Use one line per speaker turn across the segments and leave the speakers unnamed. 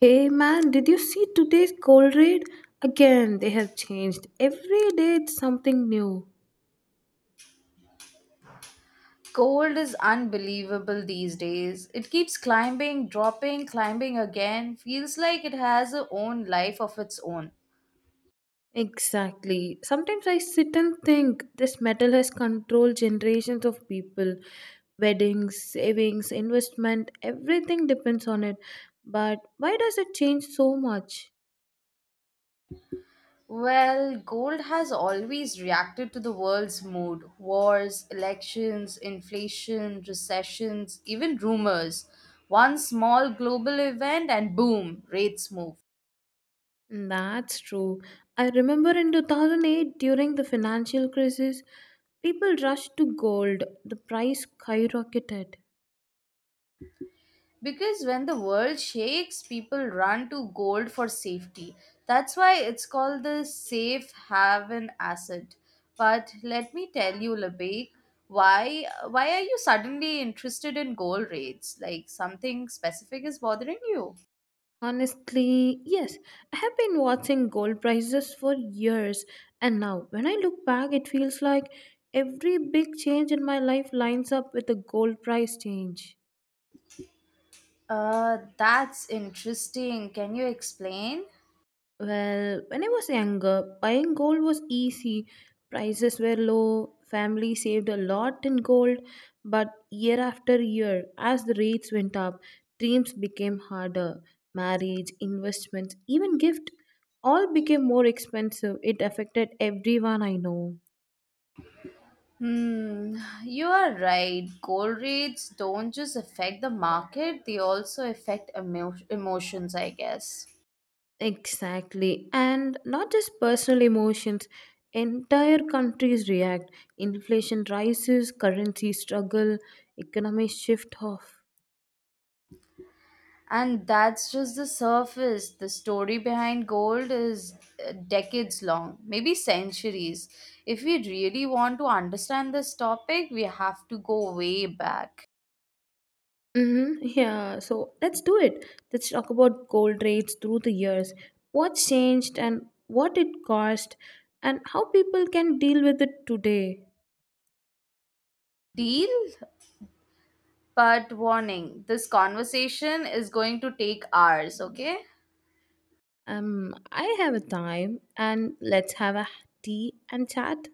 Hey man, did you see today's gold rate? Again, they have changed. Every day it's something new.
Gold is unbelievable these days. It keeps climbing, dropping, climbing again. Feels like it has a own life of its own.
Exactly. Sometimes I sit and think this metal has controlled generations of people. Weddings, savings, investment, everything depends on it. But why does it change so much?
Well, gold has always reacted to the world's mood wars, elections, inflation, recessions, even rumors. One small global event, and boom, rates move.
That's true. I remember in 2008 during the financial crisis, people rushed to gold. The price skyrocketed.
Because when the world shakes, people run to gold for safety. That's why it's called the safe haven asset. But let me tell you, Labik, why are you suddenly interested in gold rates? Like something specific is bothering you?
Honestly, yes. I have been watching gold prices for years, and now when I look back, it feels like every big change in my life lines up with the gold price change.
That's interesting. Can you explain?
Well, when I was younger, buying gold was easy. Prices were low, family saved a lot in gold, but year after year, as the rates went up, dreams became harder. Marriage, investments, even gift all became more expensive. It affected everyone I know.
Hmm, you are right. Gold rates don't just affect the market, they also affect emotions, I guess.
Exactly. And not just personal emotions, entire countries react. Inflation rises, currencies struggle, economies shift off.
And that's just the surface. The story behind gold is decades long, maybe centuries. If we really want to understand this topic, we have to go way back.
Mhm, yeah, so let's do it. Let's talk about gold rates through the years. What's changed and what it cost and how people can deal with it today.
Deal? But warning, this conversation is going to take hours, okay?
I have a time and let's have a tea and chat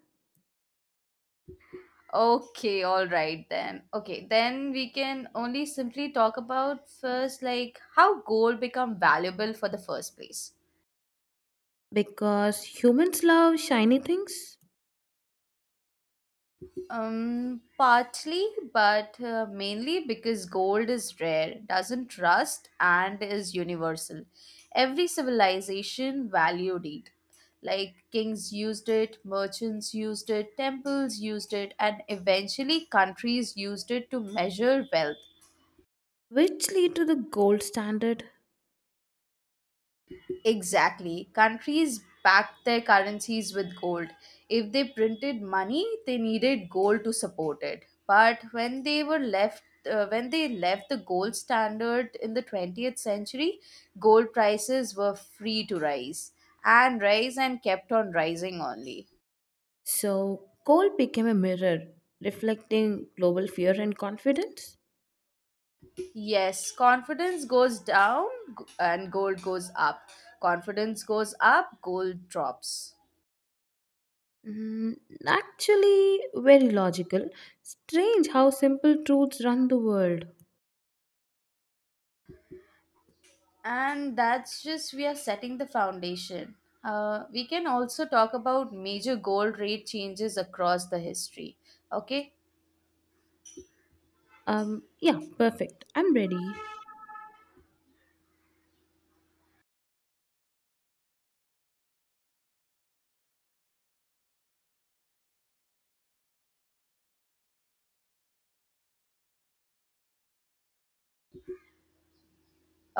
Okay, all right then. Okay, then we can only simply talk about first like how gold become valuable for the first place.
because humans love shiny things
Partly, but mainly because gold is rare, doesn't rust, and is universal. Every civilization valued it. Like kings used it, merchants used it, temples used it, and eventually countries used it to measure wealth.
which lead to the gold standard.
Exactly. Countries backed their currencies with gold. If they printed money, they needed gold to support it. But when they left the gold standard in the 20th century, gold prices were free to rise and rise and kept on rising only.
So gold became a mirror reflecting global fear and confidence.
Yes, confidence goes down and gold goes up. Confidence goes up, gold drops.
Mm, actually, very logical. Strange how simple truths run the world.
And that's just we are setting the foundation. We can also talk about major gold rate changes across the history. Okay.
Yeah, perfect. I'm ready.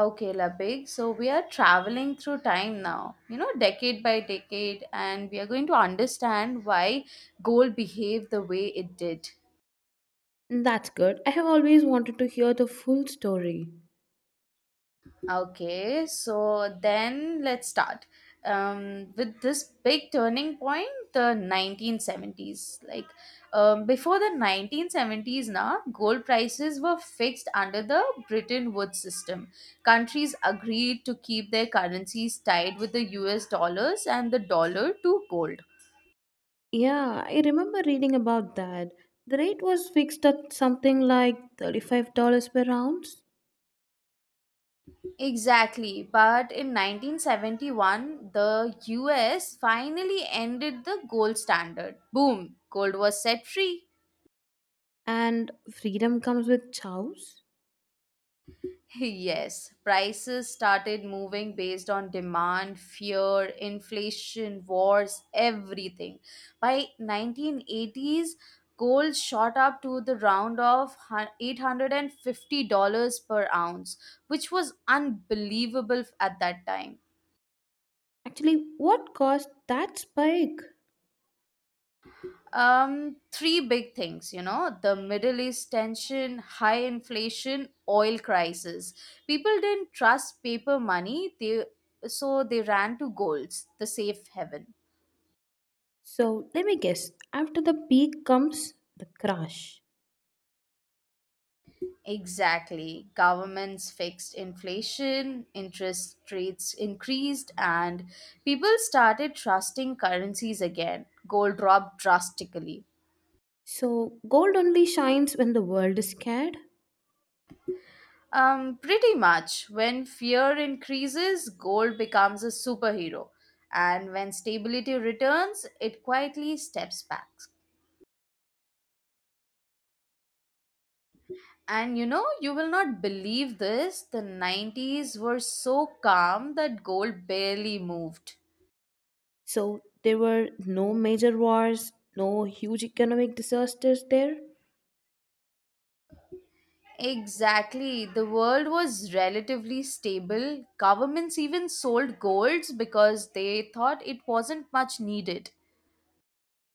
Okay, Labig, so we are traveling through time now, you know, decade by decade, and we are going to understand why gold behaved the way it did.
That's good. I have always wanted to hear the full story.
Okay, so then let's start. With this big turning point, the 1970s. Before the 1970s, now gold prices were fixed under the Bretton Woods system. Countries agreed to keep their currencies tied with the US dollars and the dollar to gold.
Yeah, I remember reading about that. The rate was fixed at something like $35 per ounce,
Exactly, but in 1971, the US finally ended the gold standard. Boom, gold was set free.
and freedom comes with chows.
Yes, prices started moving based on demand, fear, inflation, wars, everything. By 1980s, gold shot up to the round of $850 per ounce, which was unbelievable at that time.
Actually, what caused that spike?
Three big things, you know, the Middle East tension, high inflation, oil crisis. People didn't trust paper money, they so they ran to golds, the safe haven.
So, let me guess. After the peak comes the crash.
Exactly. Governments fixed inflation, interest rates increased, and people started trusting currencies again. Gold dropped drastically.
So, gold only shines when the world is scared.
Pretty much. When fear increases, gold becomes a superhero. And when stability returns, it quietly steps back. And you know, you will not believe this. The 90s were so calm that gold barely moved.
So, there were no major wars, no huge economic disasters there.
Exactly. The world was relatively stable. Governments even sold golds because they thought it wasn't much needed.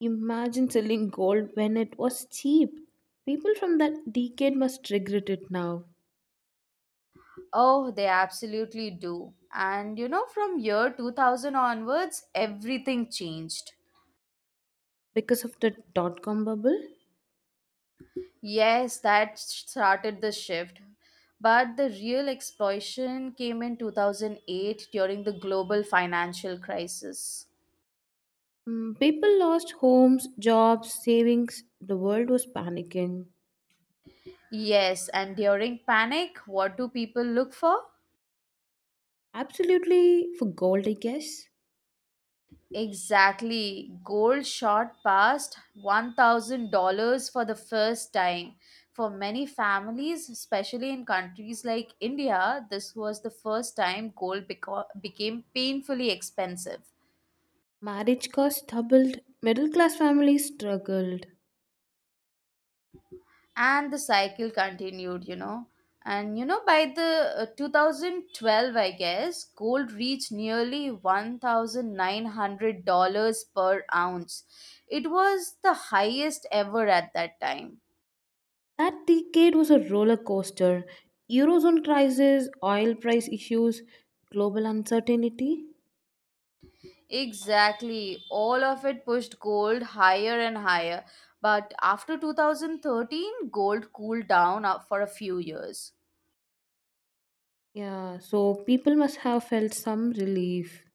Imagine selling gold when it was cheap. People from that decade must regret it now
Oh, they absolutely do. And you know, from year 2000 onwards, everything changed.
because of the dot-com bubble.
Yes, that started the shift. But the real explosion came in 2008 during the global financial crisis.
Mm, people lost homes, jobs, savings. The world was panicking.
Yes, and during panic, what do people look for?
Absolutely for gold, I guess.
Exactly. Gold shot past $1,000 for the first time. For many families, especially in countries like India, this was the first time gold became painfully expensive.
Marriage costs doubled, middle class families struggled.
And the cycle continued, you know. And you know, by the 2012, I guess, gold reached nearly $1,900 per ounce. It was the highest ever at that time.
That decade was a roller coaster. Eurozone crisis, oil price issues, global uncertainty.
Exactly. All of it pushed gold higher and higher. But after 2013, gold cooled down up for a few years.
Yeah, so people must have felt some relief.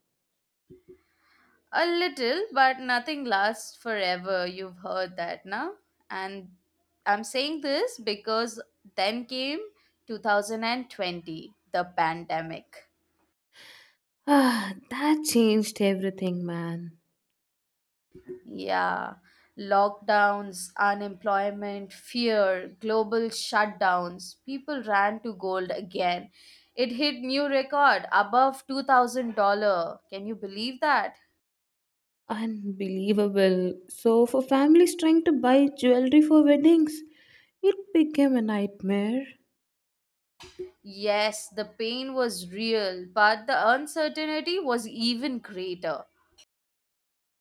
A little, but nothing lasts forever. You've heard that now. And I'm saying this because then came 2020, the pandemic.
Ah, that changed everything, man.
Yeah, lockdowns, unemployment, fear, global shutdowns. People ran to gold again. It hit new record above $2,000. Can you believe that?
Unbelievable. So, for families trying to buy jewelry for weddings, it became a nightmare.
Yes, the pain was real, but the uncertainty was even greater.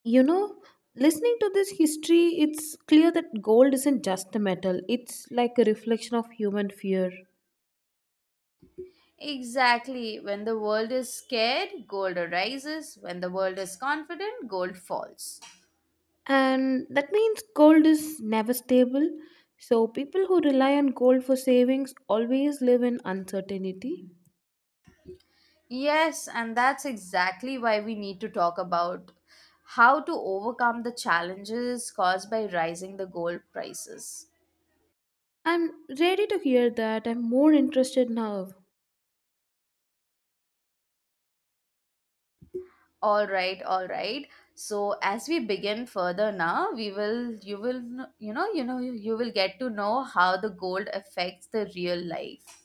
You know, listening to this history, it's clear that gold isn't just a metal, it's like a reflection of human fear.
Exactly. When the world is scared, gold rises. When the world is confident, gold falls.
And that means gold is never stable, so people who rely on gold for savings always live in uncertainty.
Yes, and that's exactly why we need to talk about how to overcome the challenges caused by rising the gold prices.
I'm ready to hear that. I'm more interested now.
All right, all right. So as we begin further now, we will you will kn- you know you will get to know how the gold affects the real life.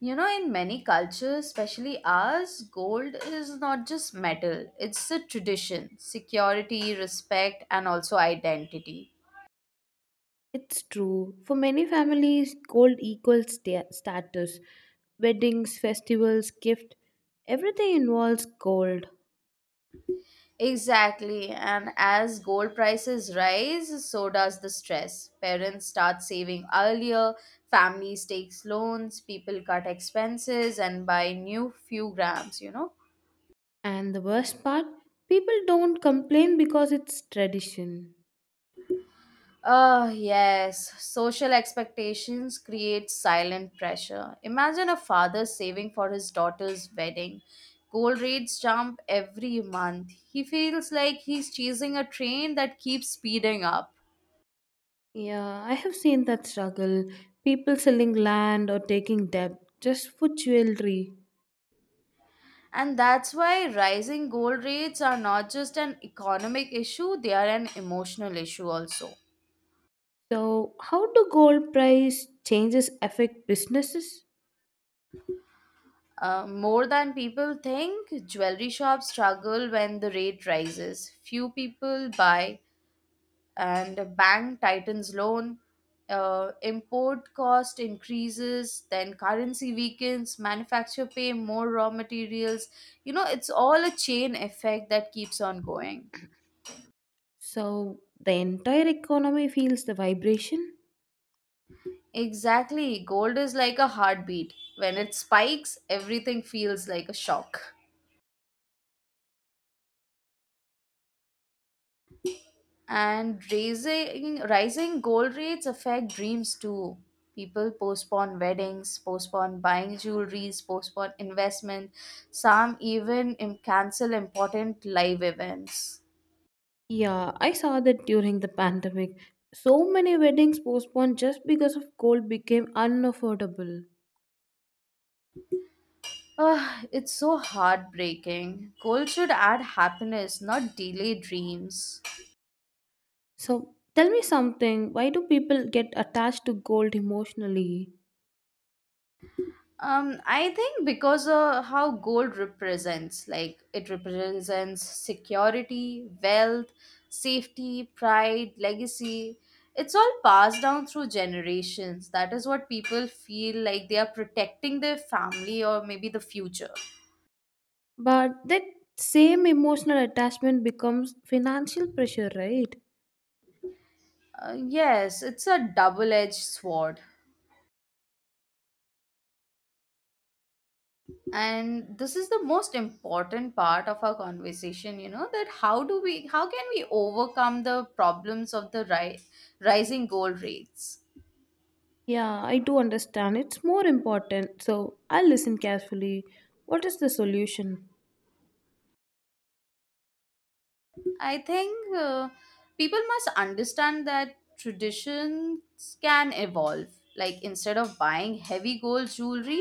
You know, in many cultures, especially ours, gold is not just metal. It's a tradition, security, respect, and also identity.
It's true, for many families gold equals status. Weddings, festivals, gift, everything involves gold.
Exactly. And as gold prices rise, so does the stress. Parents start saving earlier, families takes loans, people cut expenses and buy new few grams, you know.
And the worst part, people don't complain because it's tradition.
Oh, yes. Social expectations create silent pressure. Imagine a father saving for his daughter's wedding. Gold rates jump every month. He feels like he's chasing a train that keeps speeding up.
Yeah, I have seen that struggle. People selling land or taking debt just for jewelry.
And that's why rising gold rates are not just an economic issue, they are an emotional issue also.
So, how do gold price changes affect businesses?
More than people think, jewelry shops struggle when the rate rises. Few people buy, and a bank tightens loan. Import cost increases, then currency weakens, manufacturer pay more raw materials. You know, it's all a chain effect that keeps on going.
So, the entire economy feels the vibration?
Exactly. Gold is like a heartbeat. When it spikes, everything feels like a shock. And raising rising gold rates affect dreams too. People postpone weddings, postpone buying jewelries, postpone investment. Some even cancel important live events.
Yeah, I saw that during the pandemic. So many weddings postponed just because of gold became unaffordable.
Ah, it's so heartbreaking. Gold should add happiness, not delay dreams.
So, tell me something, why do people get attached to gold emotionally?
I think because of how gold represents, like it represents security, wealth, safety, pride, legacy. It's all passed down through generations. That is what people feel like they are protecting their family or maybe the future.
But that same emotional attachment becomes financial pressure, right?
Yes, it's a double edged sword. And this is the most important part of our conversation, you know, that how can we overcome the problems of the rising gold rates.
Yeah, I do understand. It's more important. So I will listen carefully. What is the solution?
I think people must understand that traditions can evolve, like instead of buying heavy gold jewelry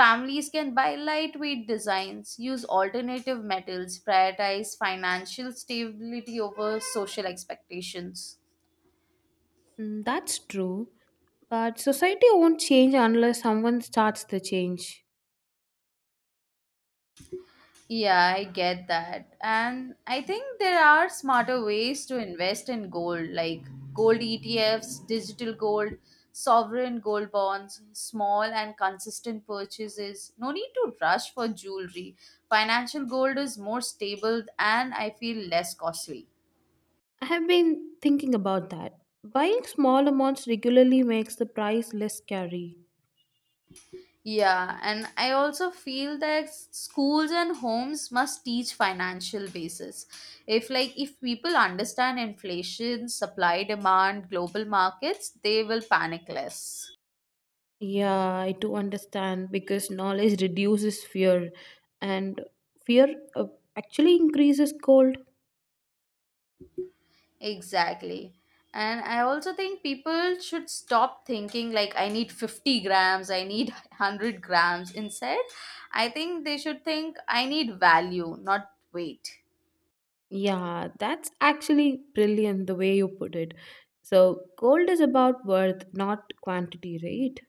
families can buy lightweight designs, use alternative metals, prioritize financial stability over social expectations.
Mm, that's true. But society won't change unless someone starts the change.
Yeah, I get that. And I think there are smarter ways to invest in gold, like gold ETFs, digital gold, sovereign gold bonds, small and consistent purchases. No need to rush for jewelry. Financial gold is more stable and I feel less costly.
I have been thinking about that. Buying small amounts regularly makes the price less scary.
Yeah, and I also feel that schools and homes must teach financial basis. If people understand inflation, supply demand, global markets, they will panic less.
Yeah, I do understand because knowledge reduces fear, and fear actually increases cold.
Exactly. And I also think people should stop thinking like I need 50 grams, I need 100 grams. Instead, I think they should think I need value, not weight.
Yeah, that's actually brilliant the way you put it. So, gold is about worth, not quantity, right?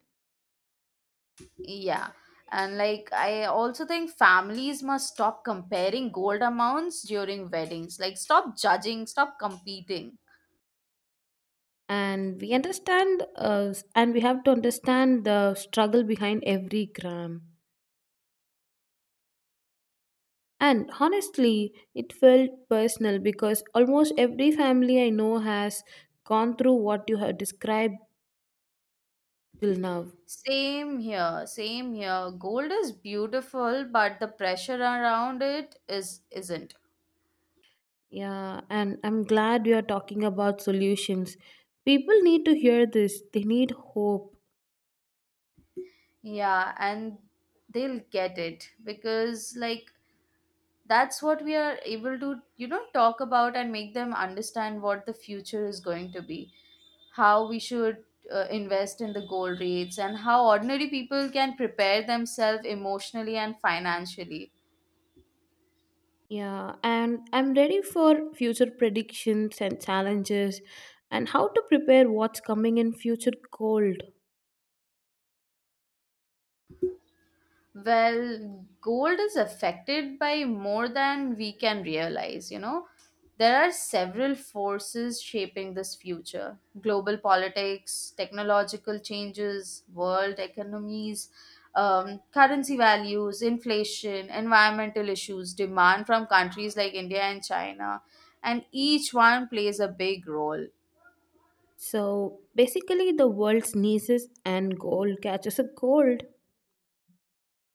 Yeah. And like, I also think families must stop comparing gold amounts during weddings. Like, stop judging, stop competing.
And we understand, and we have to understand the struggle behind every gram. And honestly, it felt personal because almost every family I know has gone through what you have described till now.
Same here, same here. Gold is beautiful, but the pressure around it is isn't.
Yeah, and I'm glad you are talking about solutions. People need to hear this, they need hope.
Yeah, and they'll get it because like that's what we are able to, you know, talk about and make them understand what the future is going to be, how we should invest in the gold rates and how ordinary people can prepare themselves emotionally and financially.
Yeah, and I'm ready for future predictions and challenges and how to prepare what's coming in future cold.
Well, gold is affected by more than we can realize, you know. There are several forces shaping this future global politics, technological changes, world economies, currency values, inflation, environmental issues, demand from countries like India and China, and each one plays a big role.
So basically, the world sneezes and gold catches a cold.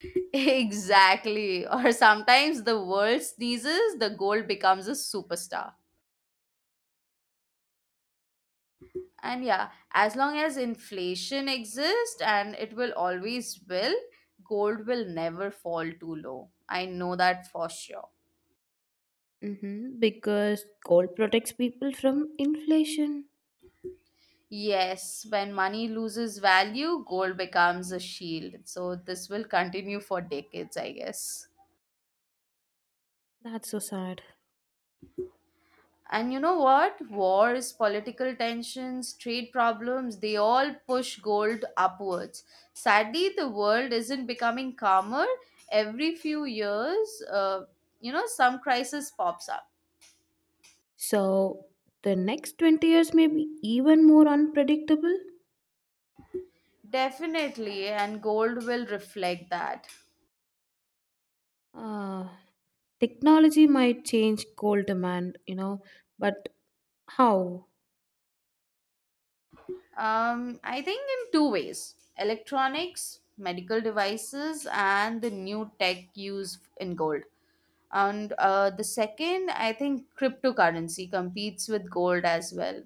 Exactly. Or sometimes the world sneezes, the gold becomes a superstar. And yeah, as long as inflation exists, and it will always will, gold will never fall too low. I know that for sure.
Mm-hmm, because gold protects people from inflation.
Yes, when money loses value, gold becomes a shield, so this will continue for decades, I guess.
That's so sad.
And you know what? Wars, political tensions, trade problems, they all push gold upwards. Sadly, the world isn't becoming calmer. Every few years, you know, some crisis pops up.
So the next 20 years may be even more unpredictable.
Definitely, and gold will reflect that.
Uh, Technology might change gold demand, you know, but how?
I think in two ways electronics, medical devices, and the new tech used in gold. And the second, I think cryptocurrency competes with gold as well.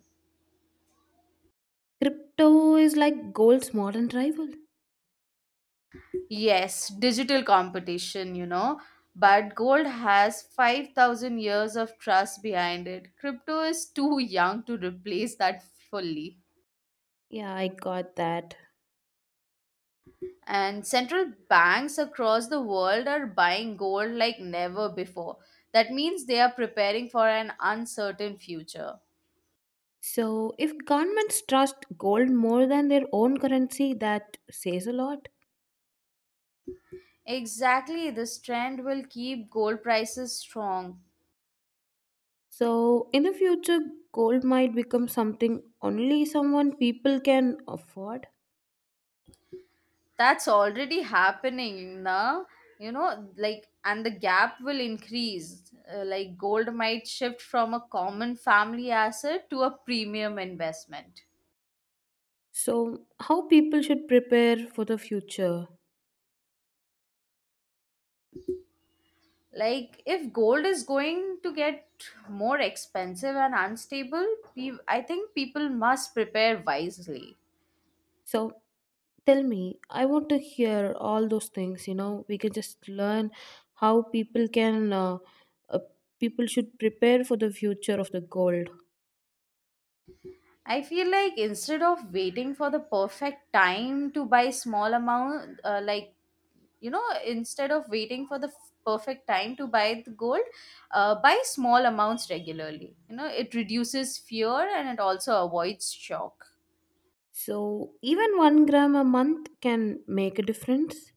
Crypto is like gold's modern rival.
Yes, digital competition, you know. But gold has 5,000 years of trust behind it. Crypto is too young to replace that fully.
Yeah, I got that.
And central banks across the world are buying gold like never before. That means they are preparing for an uncertain future.
So, if governments trust gold more than their own currency, that says a lot.
Exactly, this trend will keep gold prices strong.
So, in the future, gold might become something only someone people can afford.
That's already happening now. And the gap will increase. Like gold might shift from a common family asset to a premium investment.
So, how people should prepare for the future?
Like if gold is going to get more expensive and unstable, I think people must prepare wisely.
So, tell me, I want to hear all those things. You know, we can just learn how people can, uh, people should prepare for the future of the gold.
I feel like instead of waiting for the perfect time to buy small amount, instead of waiting for the perfect time to buy the gold, buy small amounts regularly. It reduces fear and it also avoids shock.
So even 1 gram a month can make a difference.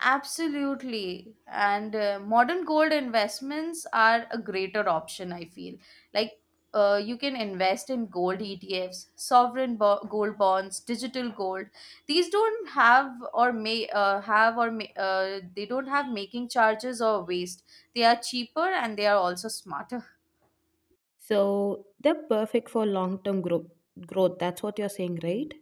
Absolutely. And modern gold investments are a greater option, I feel. Like, you can invest in gold ETFs, gold bonds, digital gold. These don't have or may they don't have making charges or waste. They are cheaper and they are also smarter.
So they're perfect for long term growth. Growth. That's what you're saying, right?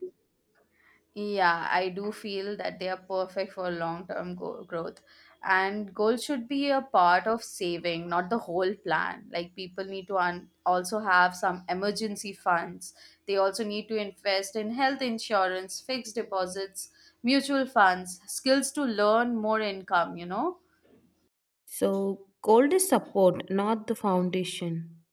Yeah, I do feel that they are perfect for long term growth. And goals should be a part of saving, not the whole plan. Like people need to also have some emergency funds. They also need to invest in health insurance, fixed deposits, mutual funds, skills to learn more income.
So gold is support, not the foundation.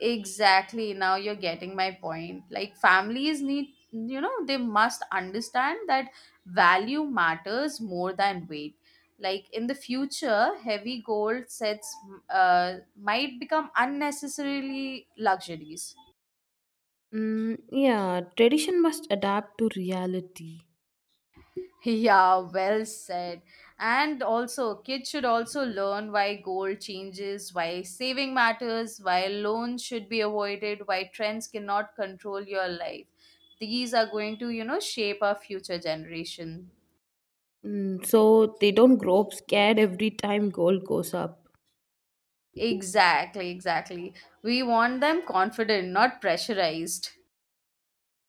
Exactly. Now you're getting my point. Like families need, they must understand that value matters more than weight. Like in the future, heavy gold sets might become unnecessarily luxuries.
Mm, yeah, tradition must adapt to reality.
Yeah, well said. And also, kids should also learn why gold changes, why saving matters, why loans should be avoided, why trends cannot control your life. These are going to, shape our future generation.
Mm, so they don't grow up scared every time gold goes up.
Exactly, exactly. We want them confident, not pressurized.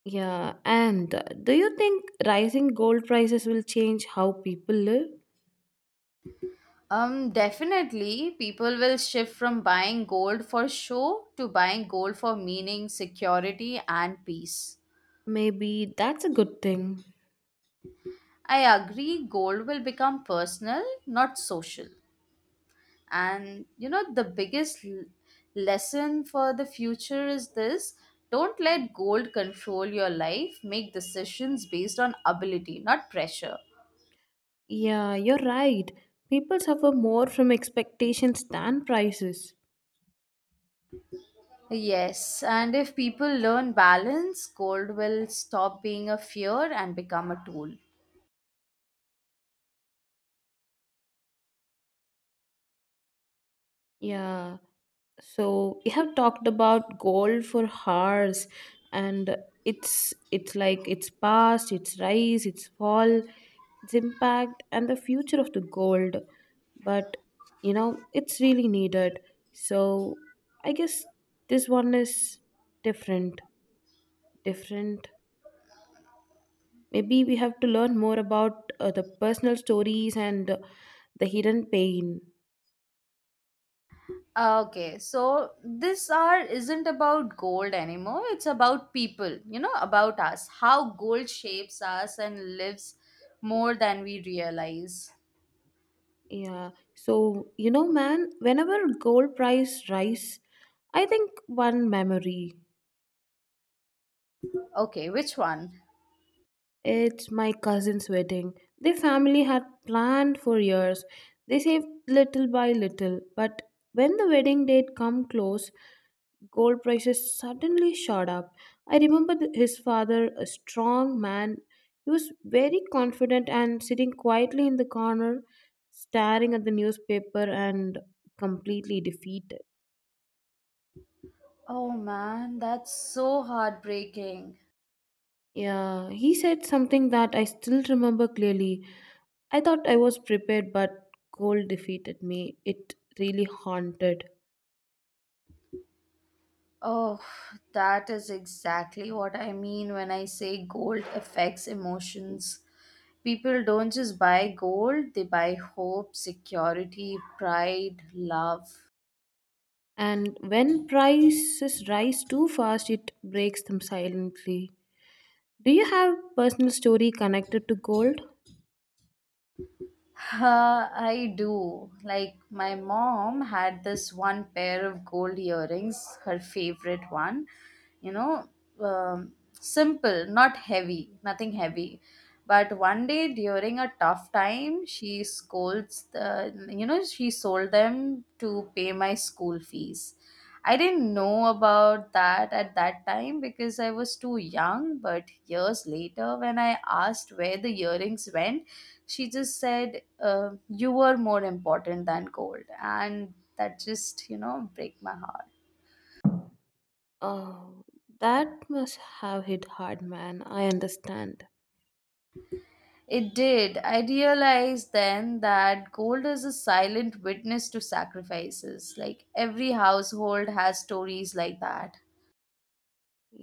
Yeah, and do you think rising gold prices will change how people live?
Definitely, people will shift from buying gold for show to buying gold for meaning, security, and peace.
Maybe that's a good thing.
I agree, goal will become personal, not social. And you know, the biggest lesson for the future is this: don't let gold control your life, make decisions based on ability, not pressure.
Yeah, you're right. People suffer more from expectations than prices.
Yes, and if people learn balance, gold will stop being a fear and become a tool.
Yeah. So we have talked about gold for hours and it's like its past, its rise, its fall, its impact and the future of the gold. But you know, it's really needed. So I guess this one is different. Different. Maybe we have to learn more about the personal stories and the hidden pain.
Okay, so this hour isn't about gold anymore. It's about people, you know, about us, how gold shapes us and lives more than we realize.
Yeah. So, you know, man, whenever gold price rise, I think one memory.
Okay, which one?
It's my cousin's wedding. Their family had planned for years. They saved little by little, but when the wedding date come close, gold prices suddenly shot up. I remember his father, a strong man. He was very confident and sitting quietly in the corner, staring at the newspaper and completely defeated.
Oh man, that's so heartbreaking.
Yeah, he said something that I still remember clearly. I thought I was prepared, but gold defeated me. It really haunted.
Oh, that is exactly what I mean when I say gold affects emotions. People don't just buy gold, they buy hope, security, pride, love.
And when prices rise too fast, it breaks them silently. Do you have personal story connected to gold?
I do. Like, my mom had this one pair of gold earrings, her favorite one. You know, simple, not heavy, nothing heavy. But one day during a tough time, she scolds, she sold them to pay my school fees. I didn't know about that at that time because I was too young, but years later, when I asked where the earrings went, she just said, you were more important than gold. And that just, break my heart.
Oh, that must have hit hard, man. I understand.
It did. I realized then that gold is a silent witness to sacrifices. Like every household has stories like that.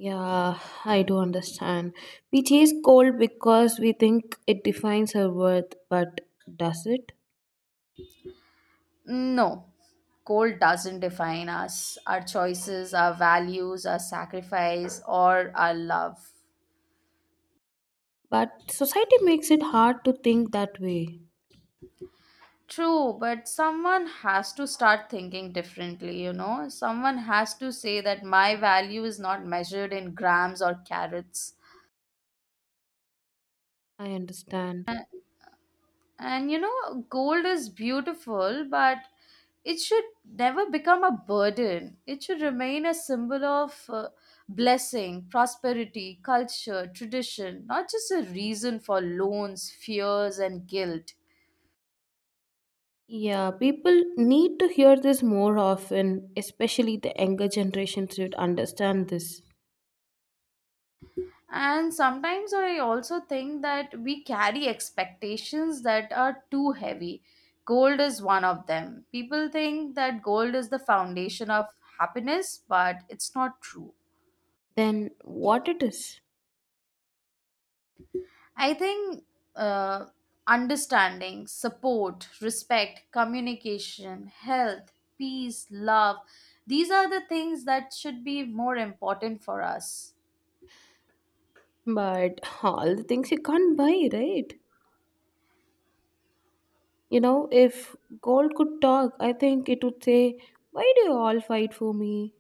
Yeah, I do understand. We chase gold because we think it defines our worth, but does it?
No, gold doesn't define us. Our choices, our values, our sacrifice or our love.
But society makes it hard to think that way.
True, but someone has to start thinking differently, you know? Someone has to say that my value is not measured in grams or carats.
I understand.
And you know, gold is beautiful, but it should never become a burden. It should remain a symbol of blessing, prosperity, culture, tradition, not just a reason for loans, fears, and guilt.
Yeah, people need to hear this more often, especially the younger generation should understand this.
And sometimes I also think that we carry expectations that are too heavy. Gold is one of them. People think that gold is the foundation of happiness, but it's not true.
Then what it is?
I think uh, understanding, support, respect, communication, health, peace, love, these are the things that should be more important for us.
But all the things you can't buy, right? You know, if gold could talk, I think it would say, why do you all fight for me?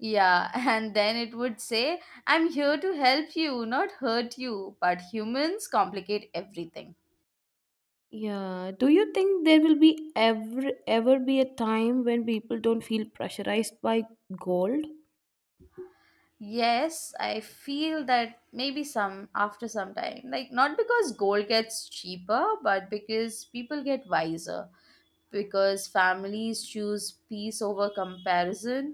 Yeah, and then it would say, I'm here to help you, not hurt you. But humans complicate everything.
Yeah. Do you think there will be ever ever be a time when people don't feel pressurized by gold?
Yes, I feel that maybe some after some time. Like, not because gold gets cheaper, but because people get wiser. Because families choose peace over comparison,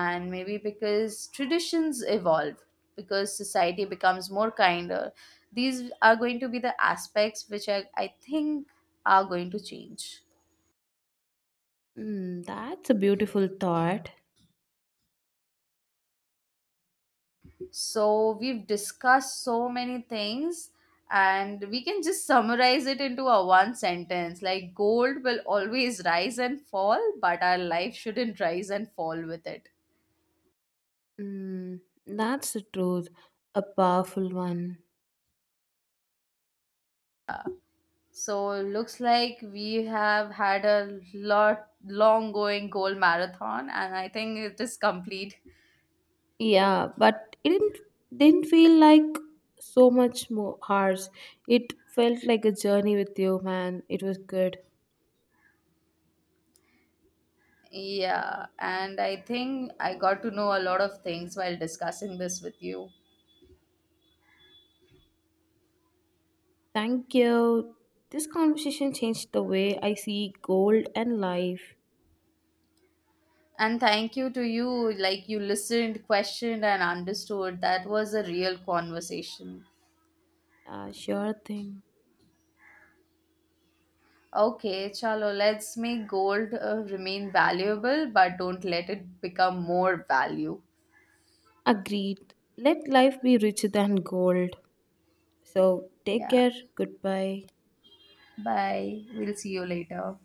and maybe because traditions evolve, because society becomes more kinder, these are going to be the aspects which I think are going to change.
Mm, that's a beautiful thought.
So we've discussed so many things, and we can just summarize it into a one sentence: like gold will always rise and fall, but our life shouldn't rise and fall with it.
Mm, that's the truth. A powerful one.
So looks like we have had a lot long going goal marathon and I think it is complete.
Yeah, but it didn't feel like so much more hours. It felt like a journey with you, man. It was good.
Yeah, and I think I got to know a lot of things while discussing this with you.
Thank you. This conversation changed the way I see gold and life.
And thank you to you, like you listened, questioned and understood. That was a real conversation.
Sure thing.
Okay, chalo, let's make gold remain valuable but don't let it become more value.
Agreed. Let life be richer than gold. So take
Yeah.
care. Goodbye.
Bye. We'll see you later.